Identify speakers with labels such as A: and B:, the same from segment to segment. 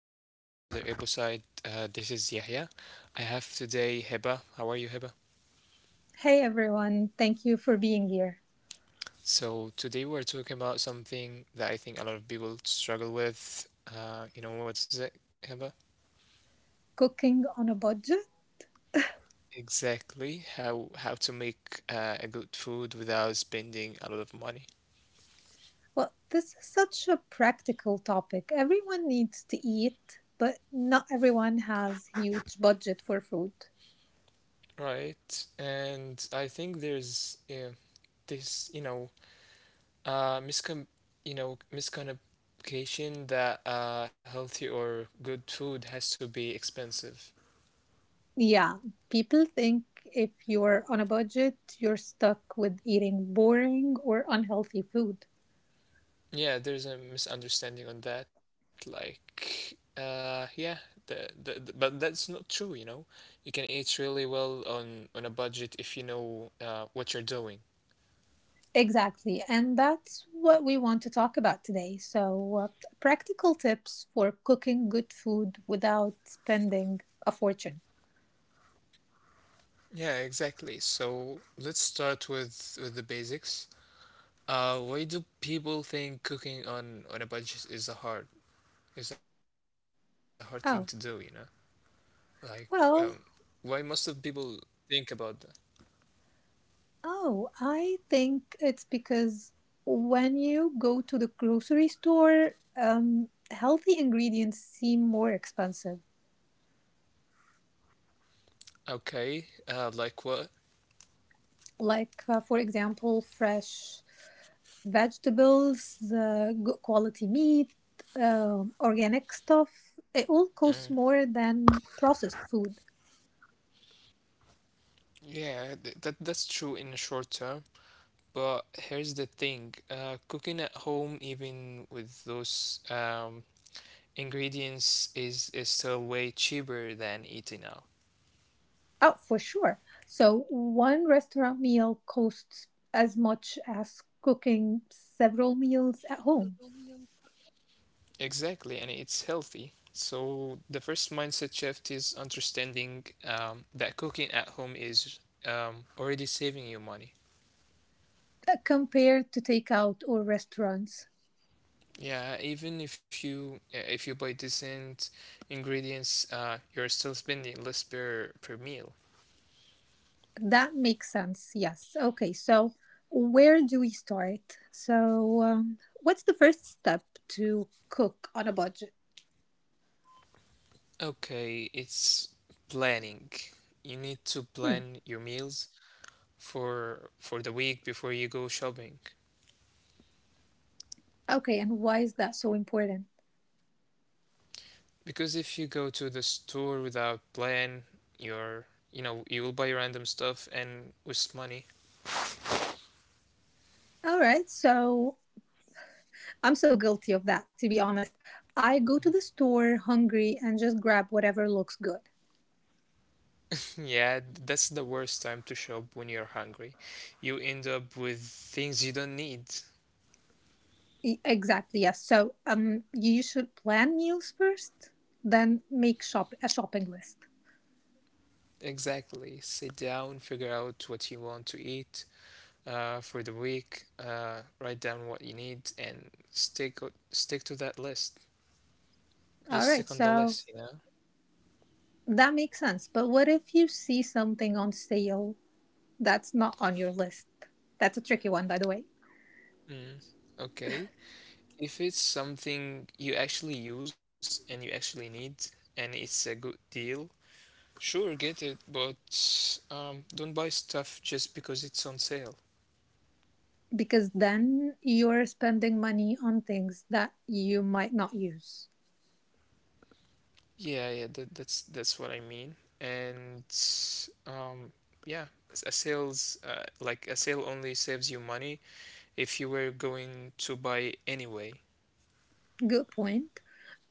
A: back to another episode. This is Yahya. I have today Heba. How are you, Heba?
B: Hey everyone, thank you for being here.
A: So today we're talking about something that I think a lot of people struggle with. You know what is it, Heba?
B: Cooking on a budget?
A: Exactly. How to make a good food without spending a lot of money.
B: Well, this is such a practical topic. Everyone needs to eat, but not everyone has huge budget for food.
A: Right. And I think there's, this uh miscom miscommunication that healthy or good food has to be expensive.
B: Yeah, people think if you're on a budget, you're stuck with eating boring or unhealthy food.
A: Yeah, there's a misunderstanding on that. But that's not true. You know, you can eat really well on a budget if you know what you're doing.
B: Exactly, and that's what we want to talk about today. So, practical tips for cooking good food without spending a fortune.
A: Yeah, exactly. So let's start with the basics. Uh, why do people think cooking on a budget is a hard thing to do, you know?
B: Oh,
A: Like, um, why
B: well,
A: most of people think about that?
B: Oh, I think it's because when you go to the grocery store, healthy ingredients seem more expensive.
A: Okay, like what?
B: Like, for example, fresh vegetables, good quality meat, organic stuff. It all costs more than processed food.
A: Yeah, that's true in the short term. But here's the thing: cooking at home, even with those ingredients, is still way cheaper than eating out.
B: Oh, for sure. So, one restaurant meal costs as much as cooking several meals at home.
A: Exactly, and it's healthy. So the first mindset shift is understanding that cooking at home is already saving you money.
B: Compared to takeout or restaurants.
A: Yeah, even if you buy decent ingredients, you're still spending less per meal.
B: That makes sense. Yes. Okay. So, where do we start? So, what's the first step to cook on a budget?
A: Okay, it's planning. You need to
B: Hmm.
A: plan your meals for the week before you go shopping.
B: Okay. And why is that so important?
A: Because if you go to the store without plan, you're you will buy random stuff and waste money.
B: All right. So, I'm so guilty of that, to be honest. I go to the store hungry and just grab whatever looks good.
A: Yeah, that's the worst time to shop when you're hungry. You end up with things you don't need.
B: Exactly. Yes. So, you should plan meals first, then make shop a shopping list.
A: Exactly. Sit down, figure out what you want to eat, for the week. Uh, write down what you need, and stick to that list.
B: All
A: Just
B: right.
A: stick on the
B: So,
A: list, you know?
B: that makes sense. But what if you see something on sale that's not on your list? That's a tricky one, by the way,
A: Mm. Okay. If it's something you actually use and you actually need, and it's a good deal, sure, get it, but don't buy stuff just because it's on sale.
B: because then you're spending money on things that you might not use.
A: Yeah, yeah, that's what I mean. And, um, yeah, a sale only saves you money if you were going to buy anyway.
B: Good point.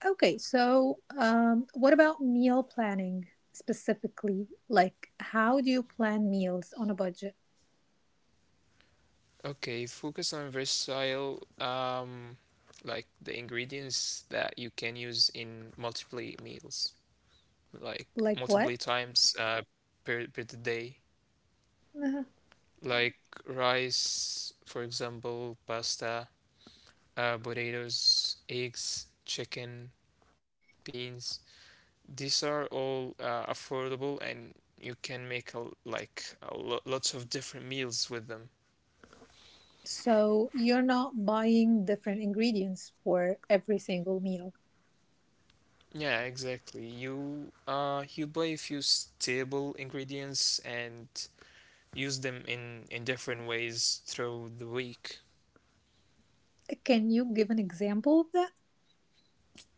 B: Okay, so what about meal planning specifically? Like, how do you plan meals on a budget?
A: Okay, focus on versatile, the ingredients that you can use in multiple meals, like
B: Like, what?
A: multiple times, per the day,
B: Uh-huh.
A: like rice, for example, pasta, potatoes, eggs, chicken, beans. These are all affordable, and you can make a, l- like a lo- lots of different meals with them.
B: So, you're not buying different ingredients for every single meal.
A: Yeah, exactly. You buy a few stable ingredients and use them in different ways through the week.
B: Can you give an example of that?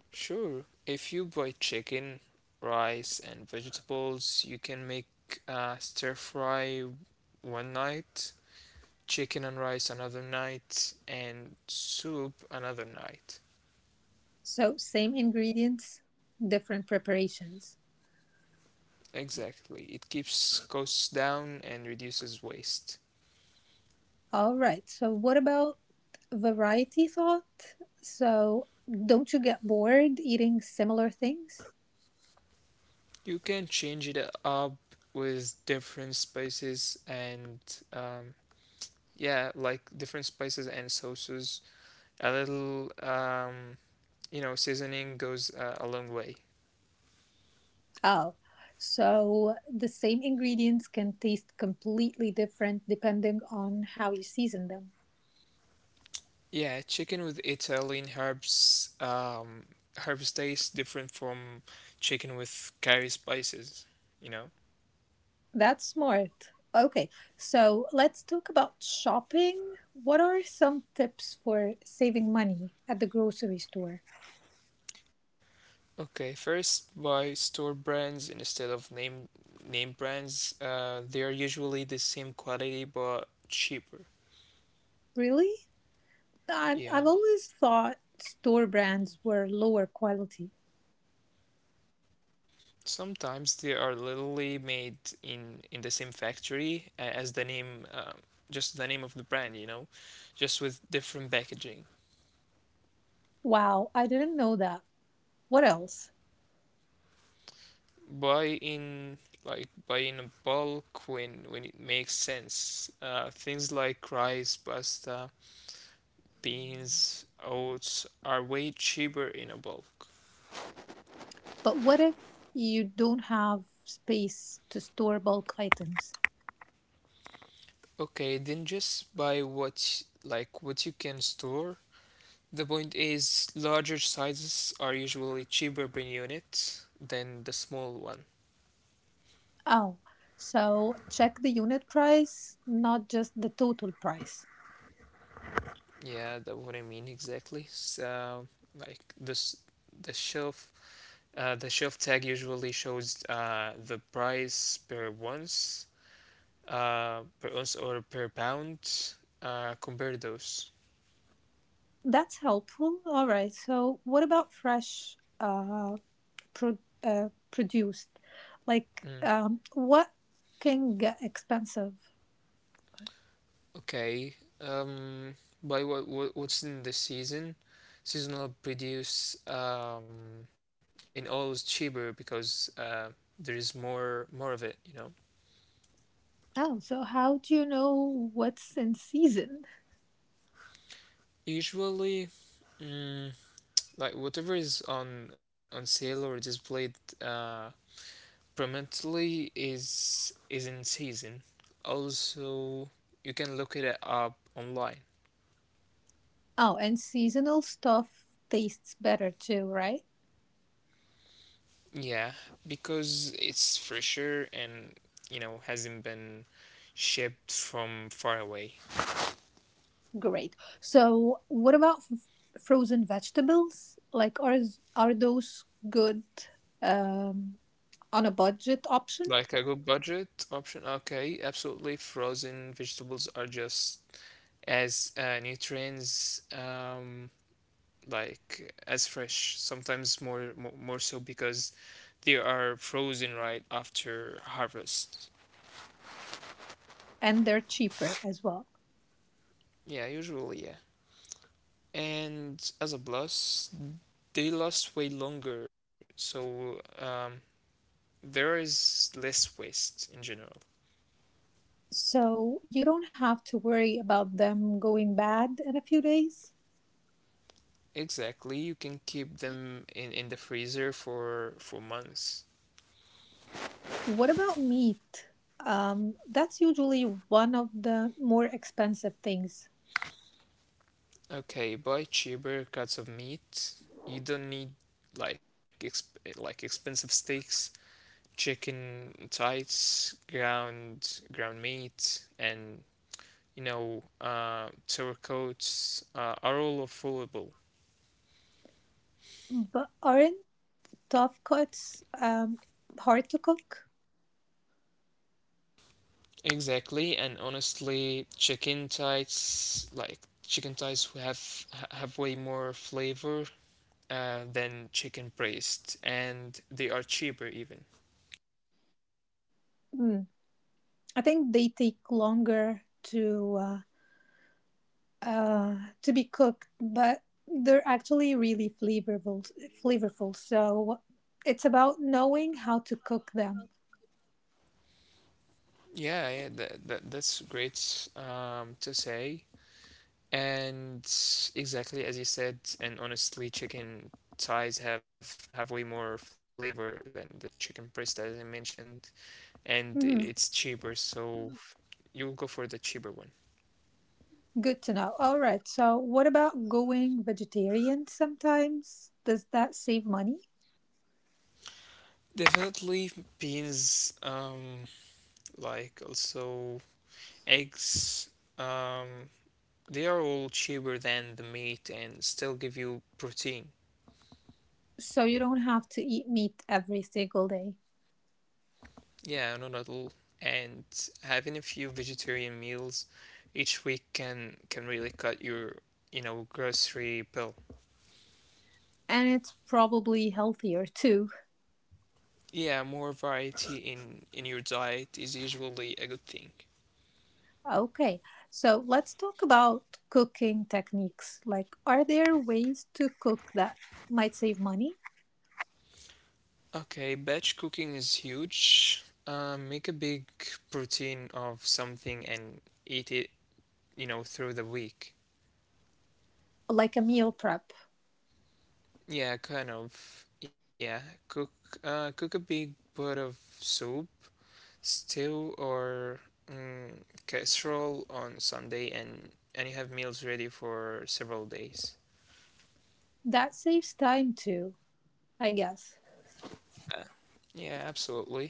A: Sure. If you buy chicken, rice, and vegetables, you can make stir fry one night, chicken and rice another night, and soup another night.
B: So, same ingredients, different preparations.
A: Exactly. It keeps costs down and reduces waste.
B: All right. So, what about variety thought? So, don't you get bored eating similar things?
A: You can change it up with different spices and um, sauces. A little seasoning goes a long way.
B: Oh, so the same ingredients can taste completely different depending on how you season them.
A: Yeah, chicken with Italian herbs taste different from chicken with curry spices, you know.
B: That's smart. Okay. So, let's talk about shopping. What are some tips for saving money at the grocery store?
A: Okay, first buy store brands instead of name brands. They are usually the same quality but cheaper.
B: Really? I've
A: Yeah.
B: always thought store brands were lower quality.
A: Sometimes they are literally made in the same factory as the name, just the name of the brand, you know, just with different packaging.
B: Wow, I didn't know that. What else?
A: Buy in Buy in bulk when it makes sense. Things like rice, pasta, beans, oats are way cheaper in a bulk.
B: But what if you don't have space to store bulk items?
A: Okay, then just buy what you can store. The point is larger sizes are usually cheaper per unit than the small one.
B: Oh, so check the unit price, not just the total price.
A: Yeah, that's what I mean exactly. So like this the shelf the shelf tag usually shows the price per ounce, per ounce or per pound. Uh, compare those.
B: That's helpful. All right, so what about fresh pro- produced? Like,
A: Mm.
B: what can get expensive?
A: Okay. Um, by what's in the season? Seasonal produce in all is cheaper because there is more of it. You know,
B: Oh, so how do you know what's in season?
A: usually, mm, like whatever is on sale or displayed uh, prominently is in season. Also, you can look it up online.
B: Oh, and seasonal stuff tastes better too, right?
A: Yeah, because it's fresher and, hasn't been shipped from far away.
B: Great. So, what about frozen vegetables? Like, are those good um, on a budget option?
A: Like a good budget option. Okay, absolutely. Frozen vegetables are just as nutrients, like as fresh, sometimes more so, because they are frozen right after harvest.
B: And they're cheaper as well.
A: Yeah, usually, yeah. And as a plus, they last way longer, so there is less waste in general.
B: So, you don't have to worry about them going bad in a few days.
A: Exactly, you can keep them in the freezer for months.
B: What about meat? That's usually one of the more expensive things.
A: Okay, buy cheaper cuts of meat. You don't need expensive steaks, chicken thighs, ground meat, and sour coats are all affordable.
B: But aren't tough cuts hard to cook?
A: Exactly, and honestly, chicken thighs who have way more flavor than chicken breast, and they are cheaper even.
B: Mm. I think they take longer uh, to be cooked, but they're actually really flavorful. Flavorful. So it's about knowing how to cook them.
A: Yeah, yeah, that's great to say. And exactly as you said, and honestly, chicken thighs have way more flavor than the chicken breast, as I mentioned, and it's
B: Mhm.
A: cheaper, so you'll go for the cheaper one.
B: Good to know. All right. So what about going vegetarian sometimes? Does that save money?
A: Definitely beans, also eggs, um, they are all cheaper than the meat and still give you protein.
B: So you don't have to eat meat every single day,
A: Yeah, no, not at all. And having a few vegetarian meals each week can really cut your, grocery bill.
B: and it's probably healthier too.
A: Yeah, more variety in your diet is usually a good thing.
B: Okay, so let's talk about cooking techniques. Like, are there ways to cook that might save money?
A: Okay, batch cooking is huge. Make a big protein of something and eat it, through the week.
B: Like a meal prep.
A: Yeah, kind of. Yeah, cook cook a big pot of soup, stew, or mm, casserole on Sunday, and you have meals ready for several days.
B: That saves time too, I guess.
A: Uh, Yeah, absolutely.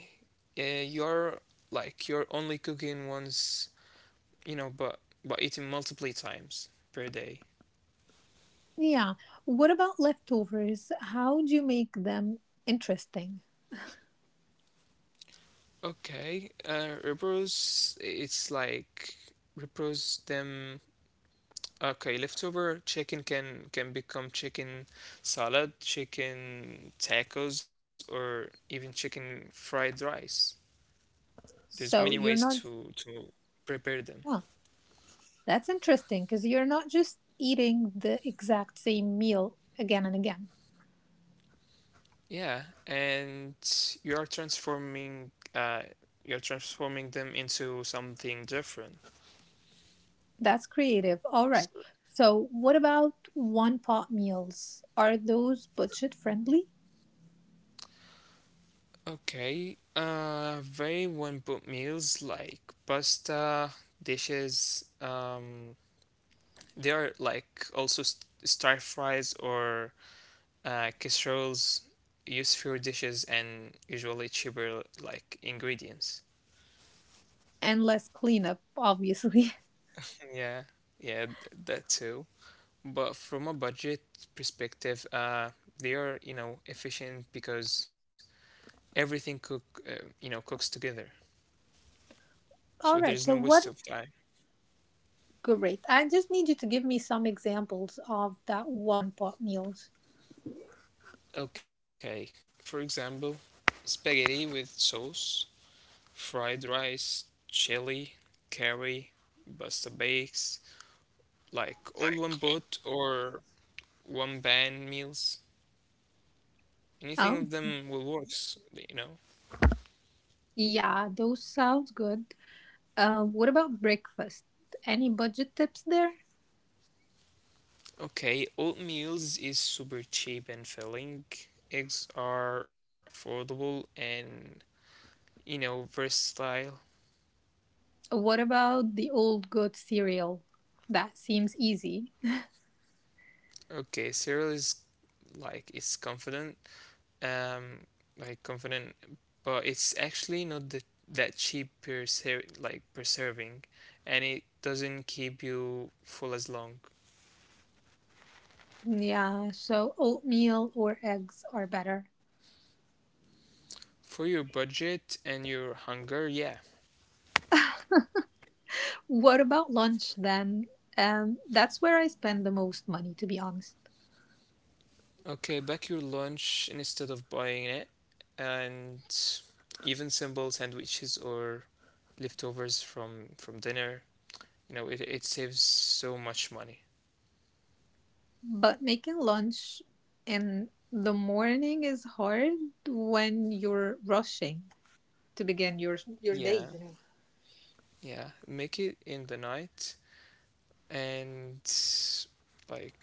A: You're you're only cooking once, you know, but eating multiple times per day.
B: Yeah, what about leftovers? How do you make them interesting?
A: Okay, repros. It's like repros them. Okay, leftover chicken can become chicken salad, chicken tacos, or even chicken fried rice. There's many
B: So
A: ways
B: you're not,
A: to prepare them.
B: huh, that's interesting because you're not just eating the exact same meal again and again.
A: Yeah, and you are transforming uh, you're transforming them into something different.
B: That's creative. All right. So, what about one pot meals? Are those budget friendly?
A: Okay, very one pot meals like pasta dishes. They are like also s stir fries or casseroles. Use fewer dishes and usually cheaper ingredients.
B: And less cleanup, obviously.
A: Yeah, yeah, that too. But from a budget perspective, they are efficient because everything cook you know cooks together,
B: All
A: so
B: right,
A: there's
B: so
A: no
B: what?
A: waste of time.
B: Great. I just need you to give me some examples of that one pot meals.
A: Okay, for example, spaghetti with sauce, fried rice, chili, curry, pasta bakes, like all one pot or one pan meals. Anything
B: Oh,
A: of them will works, you know.
B: yeah, those sounds good. What about breakfast? Any budget tips there?
A: Okay, oatmeals is super cheap and filling. Eggs are affordable and versatile.
B: What about the old good cereal? That seems easy.
A: Okay, cereal is it's confident, um confident, but it's actually not that cheap per se, like per serving, and it doesn't keep you full as long
B: Yeah, so oatmeal or eggs are better.
A: for your budget and your hunger, yeah.
B: What about lunch then? That's where I spend the most money, to be honest.
A: Okay, back your lunch instead of buying it, and even simple sandwiches or leftovers from dinner, you know, it saves so much money.
B: But making lunch in the morning is hard when you're rushing to begin your day,
A: Yeah,
B: you know.
A: yeah make it in the night and like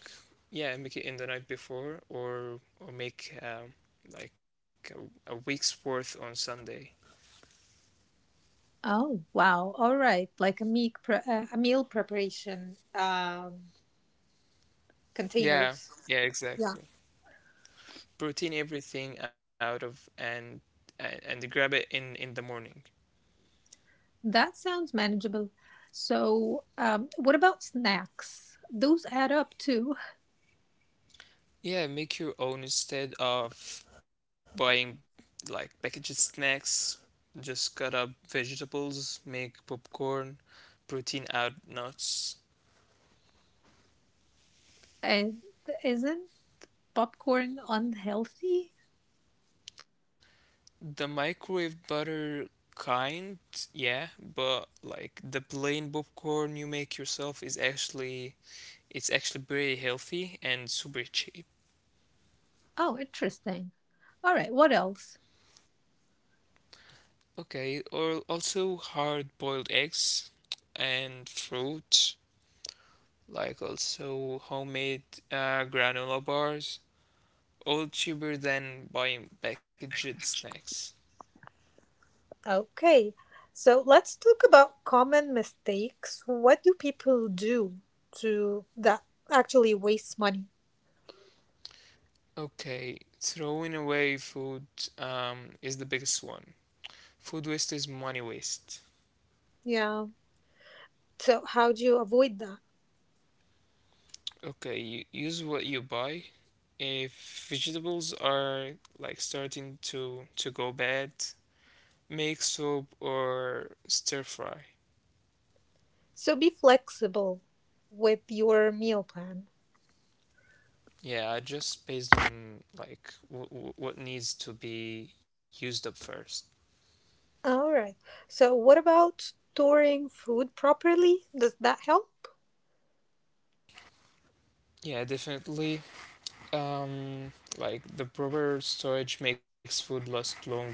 A: yeah, make it in the night before, or make like a week's worth on Sunday.
B: Oh, wow. All right. Like a meal preparation
A: Yeah,
B: containers.
A: yeah,
B: Yeah.
A: exactly. Protein everything out of, and and grab it in the morning.
B: That sounds manageable. So, what about snacks? Those add up too.
A: Yeah, make your own instead of buying packaged snacks. Just cut up vegetables, make popcorn, protein out nuts.
B: And isn't popcorn unhealthy?
A: The microwave butter kind, yeah, but like the plain popcorn you make yourself is actually very healthy and super cheap.
B: Oh, interesting. All right, what else?
A: Okay, or also hard-boiled eggs and fruit, like also homemade granola bars, all cheaper than buying packaged snacks.
B: Okay, so let's talk about common mistakes. What do people do to that actually waste money?
A: Okay, throwing away food is the biggest one. Food waste is money waste.
B: Yeah. So how do you avoid that?
A: Okay, you use what you buy. If vegetables are starting to go bad, make soup or stir fry.
B: So be flexible with your meal plan.
A: Yeah, I just based on like what needs to be used up first.
B: All right. So what about storing food properly? Does that help?
A: Yeah, definitely. The proper storage makes food last longer.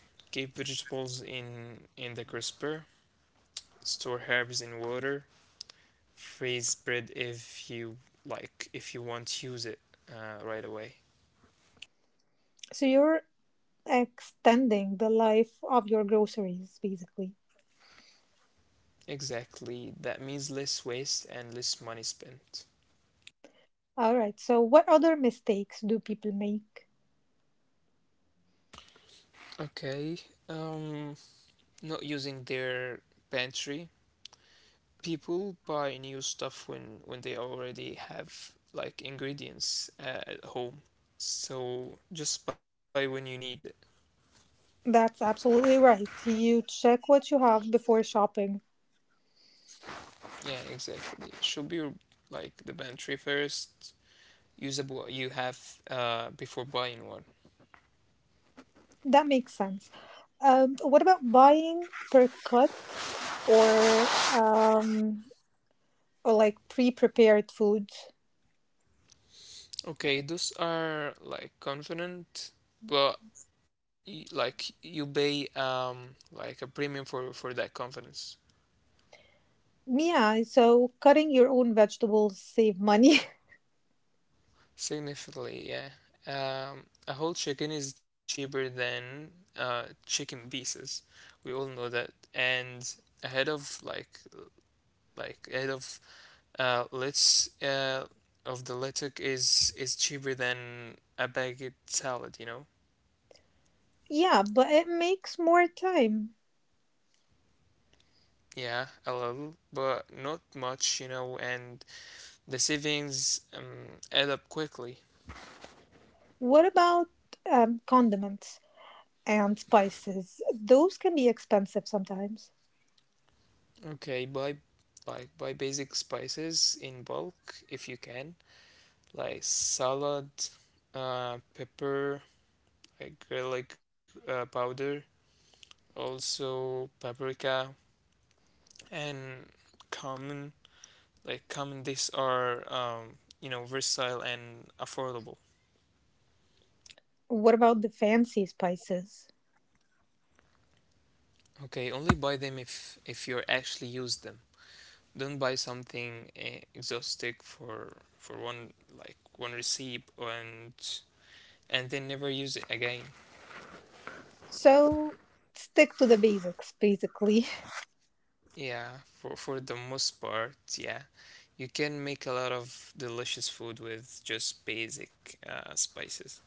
A: Keep vegetables in the crisper. Store herbs in water. Freeze bread if you want to use it right away.
B: So you're extending the life of your groceries basically.
A: Exactly. That means less waste and less money spent.
B: All right. So what other mistakes do people make?
A: Okay. Um, Not using their pantry. People buy new stuff when they already have ingredients at home. So just buy when you need it.
B: That's absolutely right. You check what you have before shopping.
A: Yeah, exactly. Should be like the pantry first. Use up what you have before buying one.
B: That makes sense. What about buying per cut or um, or like pre-prepared food?
A: Okay, those are like confident, but you pay a premium for that confidence
B: Yeah, so cutting your own vegetables save money.
A: significantly. Yeah, a whole chicken is cheaper than chicken pieces. We all know that, and ahead of like ahead of let's of the letuk is cheaper than a baguette salad. You know,
B: Yeah, but it makes more time.
A: yeah, a little, but not much. You know. And the savings add up quickly.
B: What about condiments and spices? Those can be expensive sometimes.
A: Okay, buy basic spices in bulk if you can, like salad, pepper, like garlic powder, also paprika and common. Like common, these are you know versatile and affordable.
B: What about the fancy spices?
A: Okay, only buy them if you actually use them. Don't buy something exhaustive for one receipt and then never use it again.
B: So stick to the basics, basically.
A: Yeah, for the most part, yeah, you can make a lot of delicious food with just basic spices.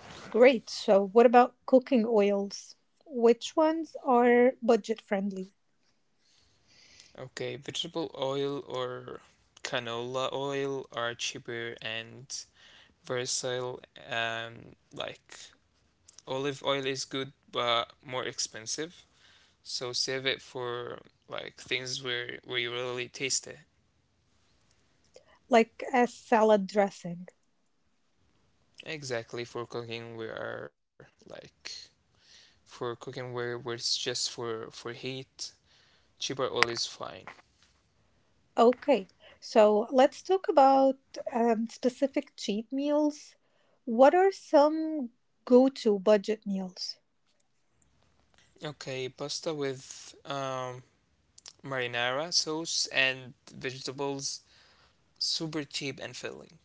B: Great. So, what about cooking oils? Which ones are budget friendly,
A: Okay, vegetable oil or canola oil are cheaper and versatile. um like Olive oil is good but more expensive, so save it for like things where you really taste it.
B: like a salad dressing?
A: Exactly, for cooking we are like for cooking where it's just for heat, cheaper oil is fine.
B: Okay. So, let's talk about specific cheap meals. What are some go to budget meals?
A: Okay, pasta with marinara sauce and vegetables, super cheap and filling.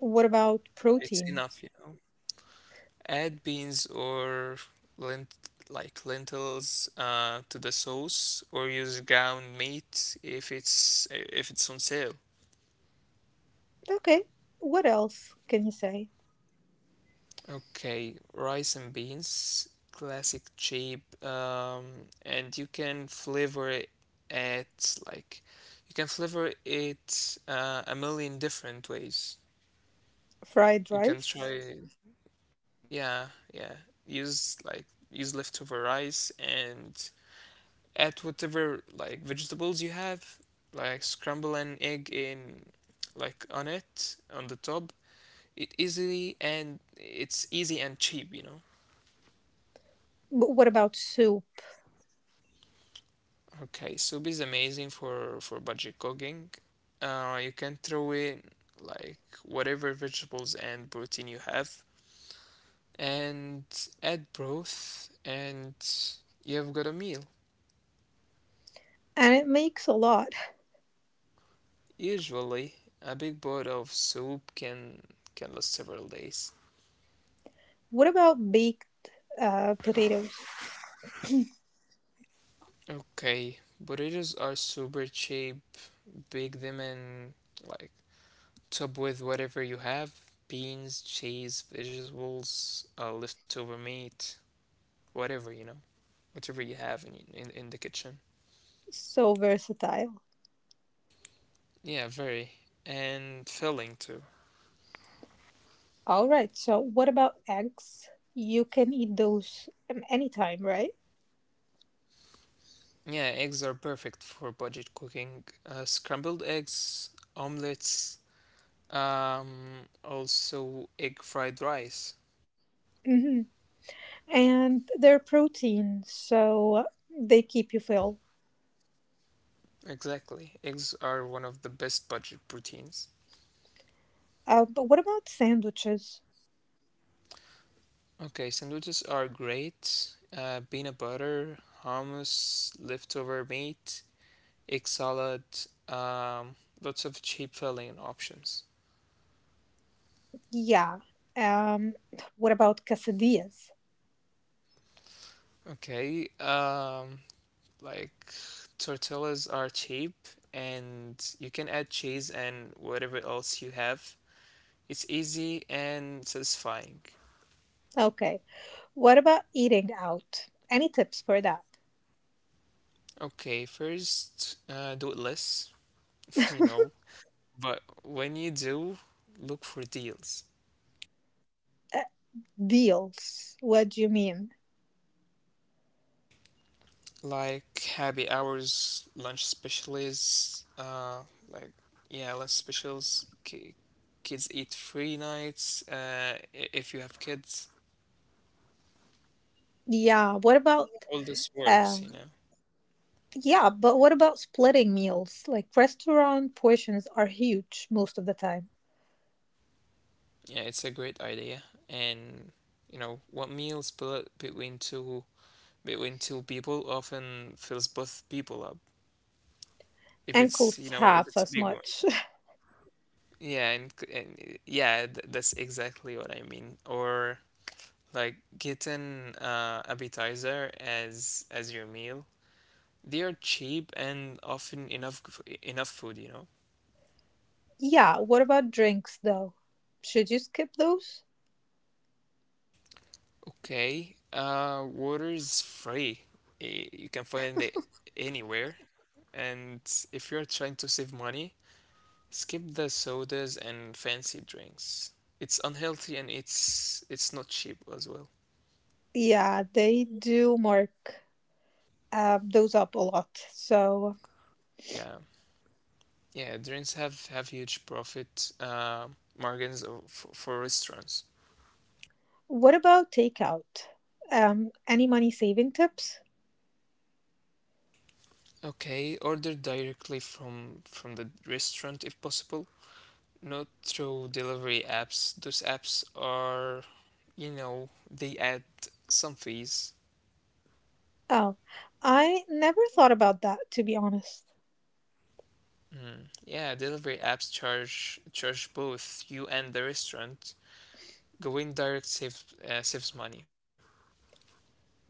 B: What about
A: It's
B: protein?
A: enough, you know. Add beans or lent lentils to the sauce, or use ground meat if it's on sale.
B: Okay. What else can you say?
A: Okay, rice and beans, classic cheap. And you can flavor it at like you can flavor it a million different ways.
B: Fried
A: You can
B: rice?
A: try, yeah, yeah. Use leftover rice and add whatever like vegetables you have, like scramble an egg in like on the top. It's easy and cheap, you know.
B: But what about soup?
A: Okay, soup is amazing for budget cooking. You can throw in like whatever vegetables and protein you have, and add broth, and you've got a meal.
B: And it makes a lot.
A: Usually, a big bowl of soup can last several days.
B: What about baked? Potatoes.
A: Okay, potatoes are super cheap. Bake them and like top with whatever you have: beans, cheese, vegetables, leftover meat, whatever, you know. Whatever you have in the kitchen.
B: So versatile.
A: Yeah, very. And filling too.
B: All right. So what about eggs? You can eat those anytime, right?
A: Yeah, eggs are perfect for budget cooking. Scrambled eggs, omelets, also egg fried rice.
B: Hmm. And they're protein, so they keep you full.
A: Exactly. Eggs are one of the best budget proteins.
B: But what about sandwiches?
A: Okay, sandwiches are great. Peanut butter, hummus, leftover meat, egg salad, um, lots of cheap filling options.
B: Yeah. Um, what about quesadillas?
A: Okay, Like tortillas are cheap and you can add cheese and whatever else you have. It's easy and satisfying.
B: Okay. What about eating out? Any tips for that?
A: Okay, first, do it less, you know, but when you do, look for deals.
B: Uh, deals. What do you mean?
A: Like happy hours, lunch specials, like yeah, lunch specials. Ki kids eat free nights. If you have kids,
B: Yeah. What about
A: all this works, you
B: um?
A: know.
B: Yeah, but what about splitting meals? Like restaurant portions are huge most of the time
A: Yeah, it's a great idea. And you know, what meals split between two people often fills both people up. If
B: and
A: it's, you
B: cost
A: know, if
B: half
A: it's a
B: as
A: big one.
B: much.
A: Yeah, and, and yeah, that's exactly what I mean. Or like getting appetizer as your meal. They are cheap and often enough enough food, you know.
B: Yeah, what about drinks though? Should you skip those?
A: Okay, water is free. You can find it anywhere. And if you're trying to save money, skip the sodas and fancy drinks. It's unhealthy and it's not cheap as well.
B: Yeah, they do mark those up a lot. So,
A: Yeah, yeah, drinks have huge profit margins for restaurants.
B: what about takeout? Any money saving tips?
A: Okay, order directly from the restaurant if possible. Not through delivery apps. Those apps are, you know, they add some fees.
B: Oh, I never thought about that to be honest.
A: Mm. Yeah, delivery apps charge both you and the restaurant. Going direct saves saves money.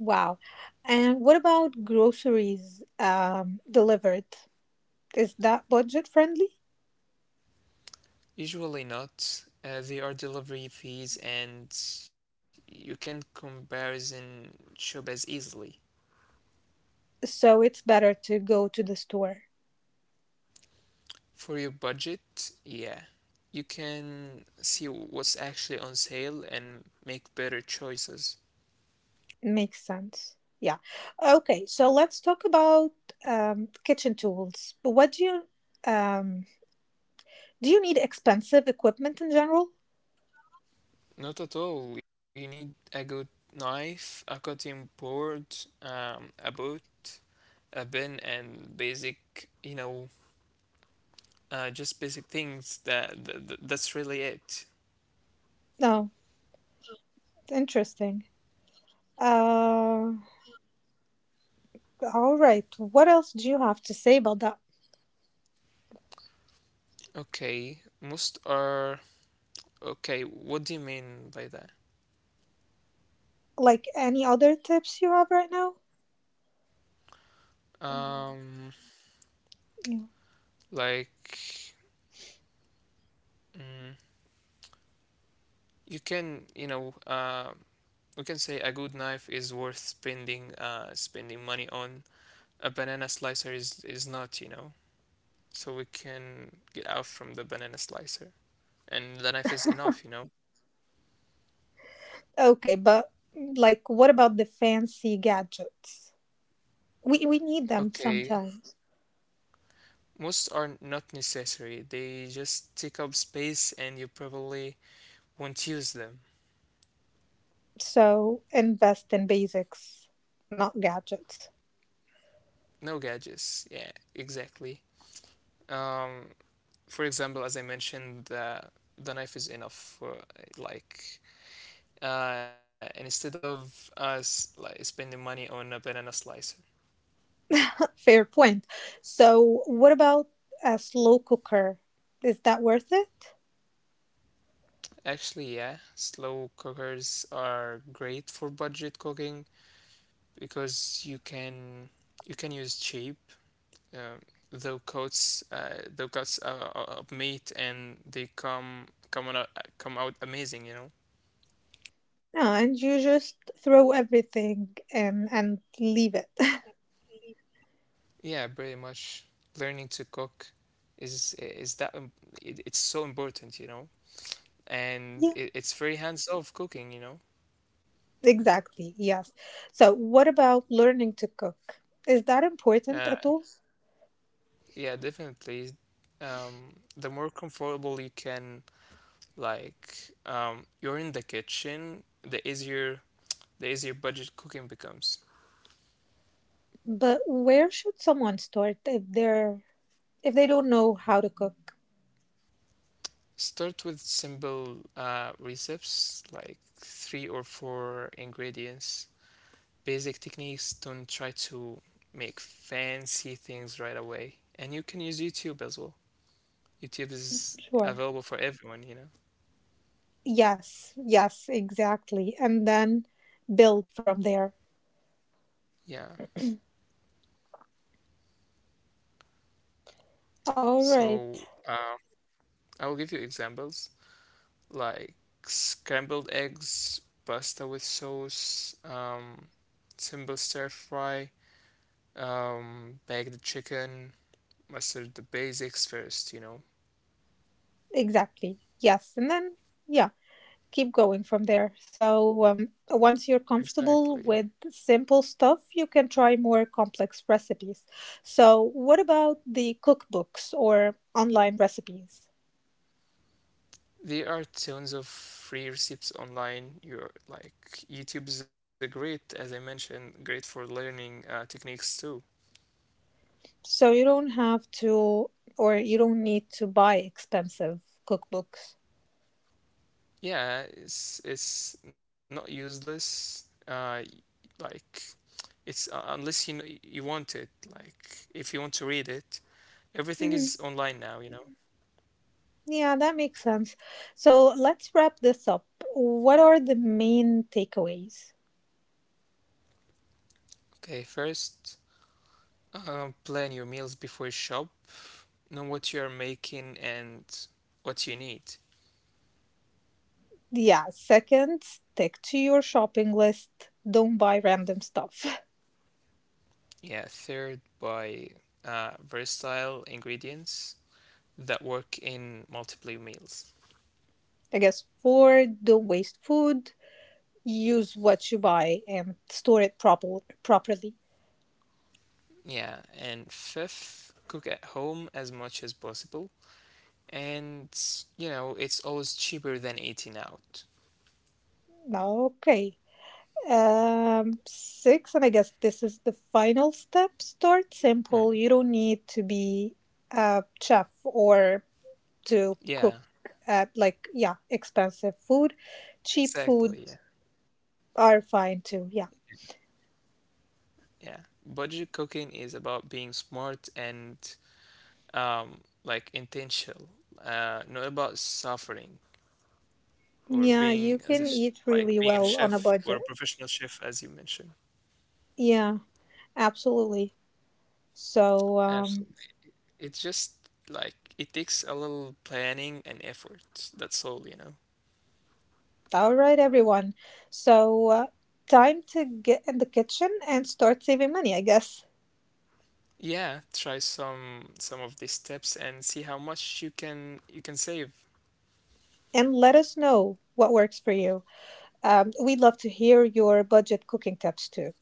B: Wow. And what about groceries delivered? Is that budget friendly?
A: Usually not. They are delivery fees, and you can comparison shop as easily.
B: So it's better to go to the store.
A: For your budget, yeah, you can see what's actually on sale and make better choices.
B: Makes sense. Yeah. Okay, so let's talk about kitchen tools. What um, do? You need expensive equipment in general?
A: Not at all. You need a good knife, a cutting board, a boot, a bin, and basic, you know, just basic things. That's really it.
B: No. Interesting. Uh, all right. What else do you have to say about that?
A: Okay, most are okay. What do you mean by that?
B: Like any other tips you have right now? Mm,
A: Um,
B: yeah.
A: like, mm, you can, you know, we can say a good knife is worth spending, spending money on. A banana slicer is not, you know. So we can get out from the banana slicer. And the knife is enough, you know?
B: Okay, but like, what about the fancy gadgets? We need them
A: Okay,
B: sometimes.
A: most are not necessary. They just take up space and you probably won't use them.
B: So invest in basics, not gadgets.
A: No gadgets. Yeah, exactly. Um, for example, as I mentioned, the knife is enough for instead of us like spending money on a banana slicer.
B: Fair point. So what about a slow cooker? Is that worth it?
A: Actually, yeah, slow cookers are great for budget cooking because you can use cheap uh, low cuts of meat, and they come out amazing, you know.
B: No, and you just throw everything and leave it.
A: Yeah, pretty much. Learning to cook is that im- it, it's so important, you know. And
B: Yeah,
A: it's very hands-off cooking, you know.
B: exactly. Yes. So what about learning to cook? Is that important
A: Yeah,
B: at all?
A: yeah, definitely. The more comfortable you can you're in the kitchen, the easier budget cooking becomes.
B: But where should someone start if they're if they don't know how to cook?
A: Start with simple recipes, like three or four ingredients. Basic techniques. Don't try to make fancy things right away. And you can use YouTube as well. YouTube is
B: Sure.
A: available for everyone, you know?
B: Yes, yes, exactly. And then build from there.
A: Yeah.
B: All
A: So
B: right.
A: I will give you examples like scrambled eggs, pasta with sauce, simple stir fry, baked chicken, mustard, the basics first, you know.
B: Exactly. Yes. And then, yeah, keep going from there. So, once you're
A: Exactly.
B: comfortable with simple stuff, you can try more complex recipes. So, what about the cookbooks or online recipes?
A: There are tons of free recipes online. You're like YouTube is a great, as I mentioned, great for learning techniques too.
B: So, you don't have to, or you don't need to buy expensive cookbooks.
A: Yeah, it's not useless. Like it's unless you you want it. Like if you want to read it, everything is
B: Mhm.
A: online now, you know.
B: Yeah, that makes sense. So, let's wrap this up. What are the main takeaways?
A: Okay, first, plan your meals before you shop. Know what you are making and what you need.
B: Yeah, second, stick to your shopping list. Don't buy random stuff.
A: Yeah, third, by versatile ingredients that work in multiple meals.
B: I guess four, don't waste food. Use what you buy and store it proper properly.
A: Yeah, and fifth, cook at home as much as possible. And you know, it's always cheaper than eating out.
B: Okay. Six, and I guess this is the final step. Start
A: Mm.
B: simple. You don't need to be a chef or to
A: Yeah,
B: cook. Like yeah expensive food. Cheap food
A: exactly. Yeah,
B: are fine too. Yeah.
A: yeah. Budget cooking is about being smart and um, like intentional, not about suffering or
B: Yeah, you
A: being as a
B: can
A: sh-
B: eat
A: like
B: really
A: being a
B: well
A: chef
B: on a
A: or a
B: budget.
A: professional chef, as you mentioned.
B: Yeah, absolutely. So,
A: Absolutely. It's just like it takes a little planning and effort. That's all, you know.
B: all right, everyone. So, time to get in the kitchen and start saving money, I guess.
A: Yeah, try some of these tips and see how much you can save.
B: And let us know what works for you. We'd love to hear your budget cooking tips too.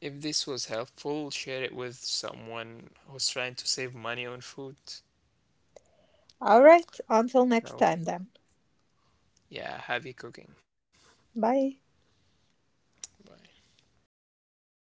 A: If this was helpful, share it with someone who's trying to save money on food.
B: All right, until next
A: So,
B: time then.
A: yeah, happy cooking.
B: Bye.
A: Bye.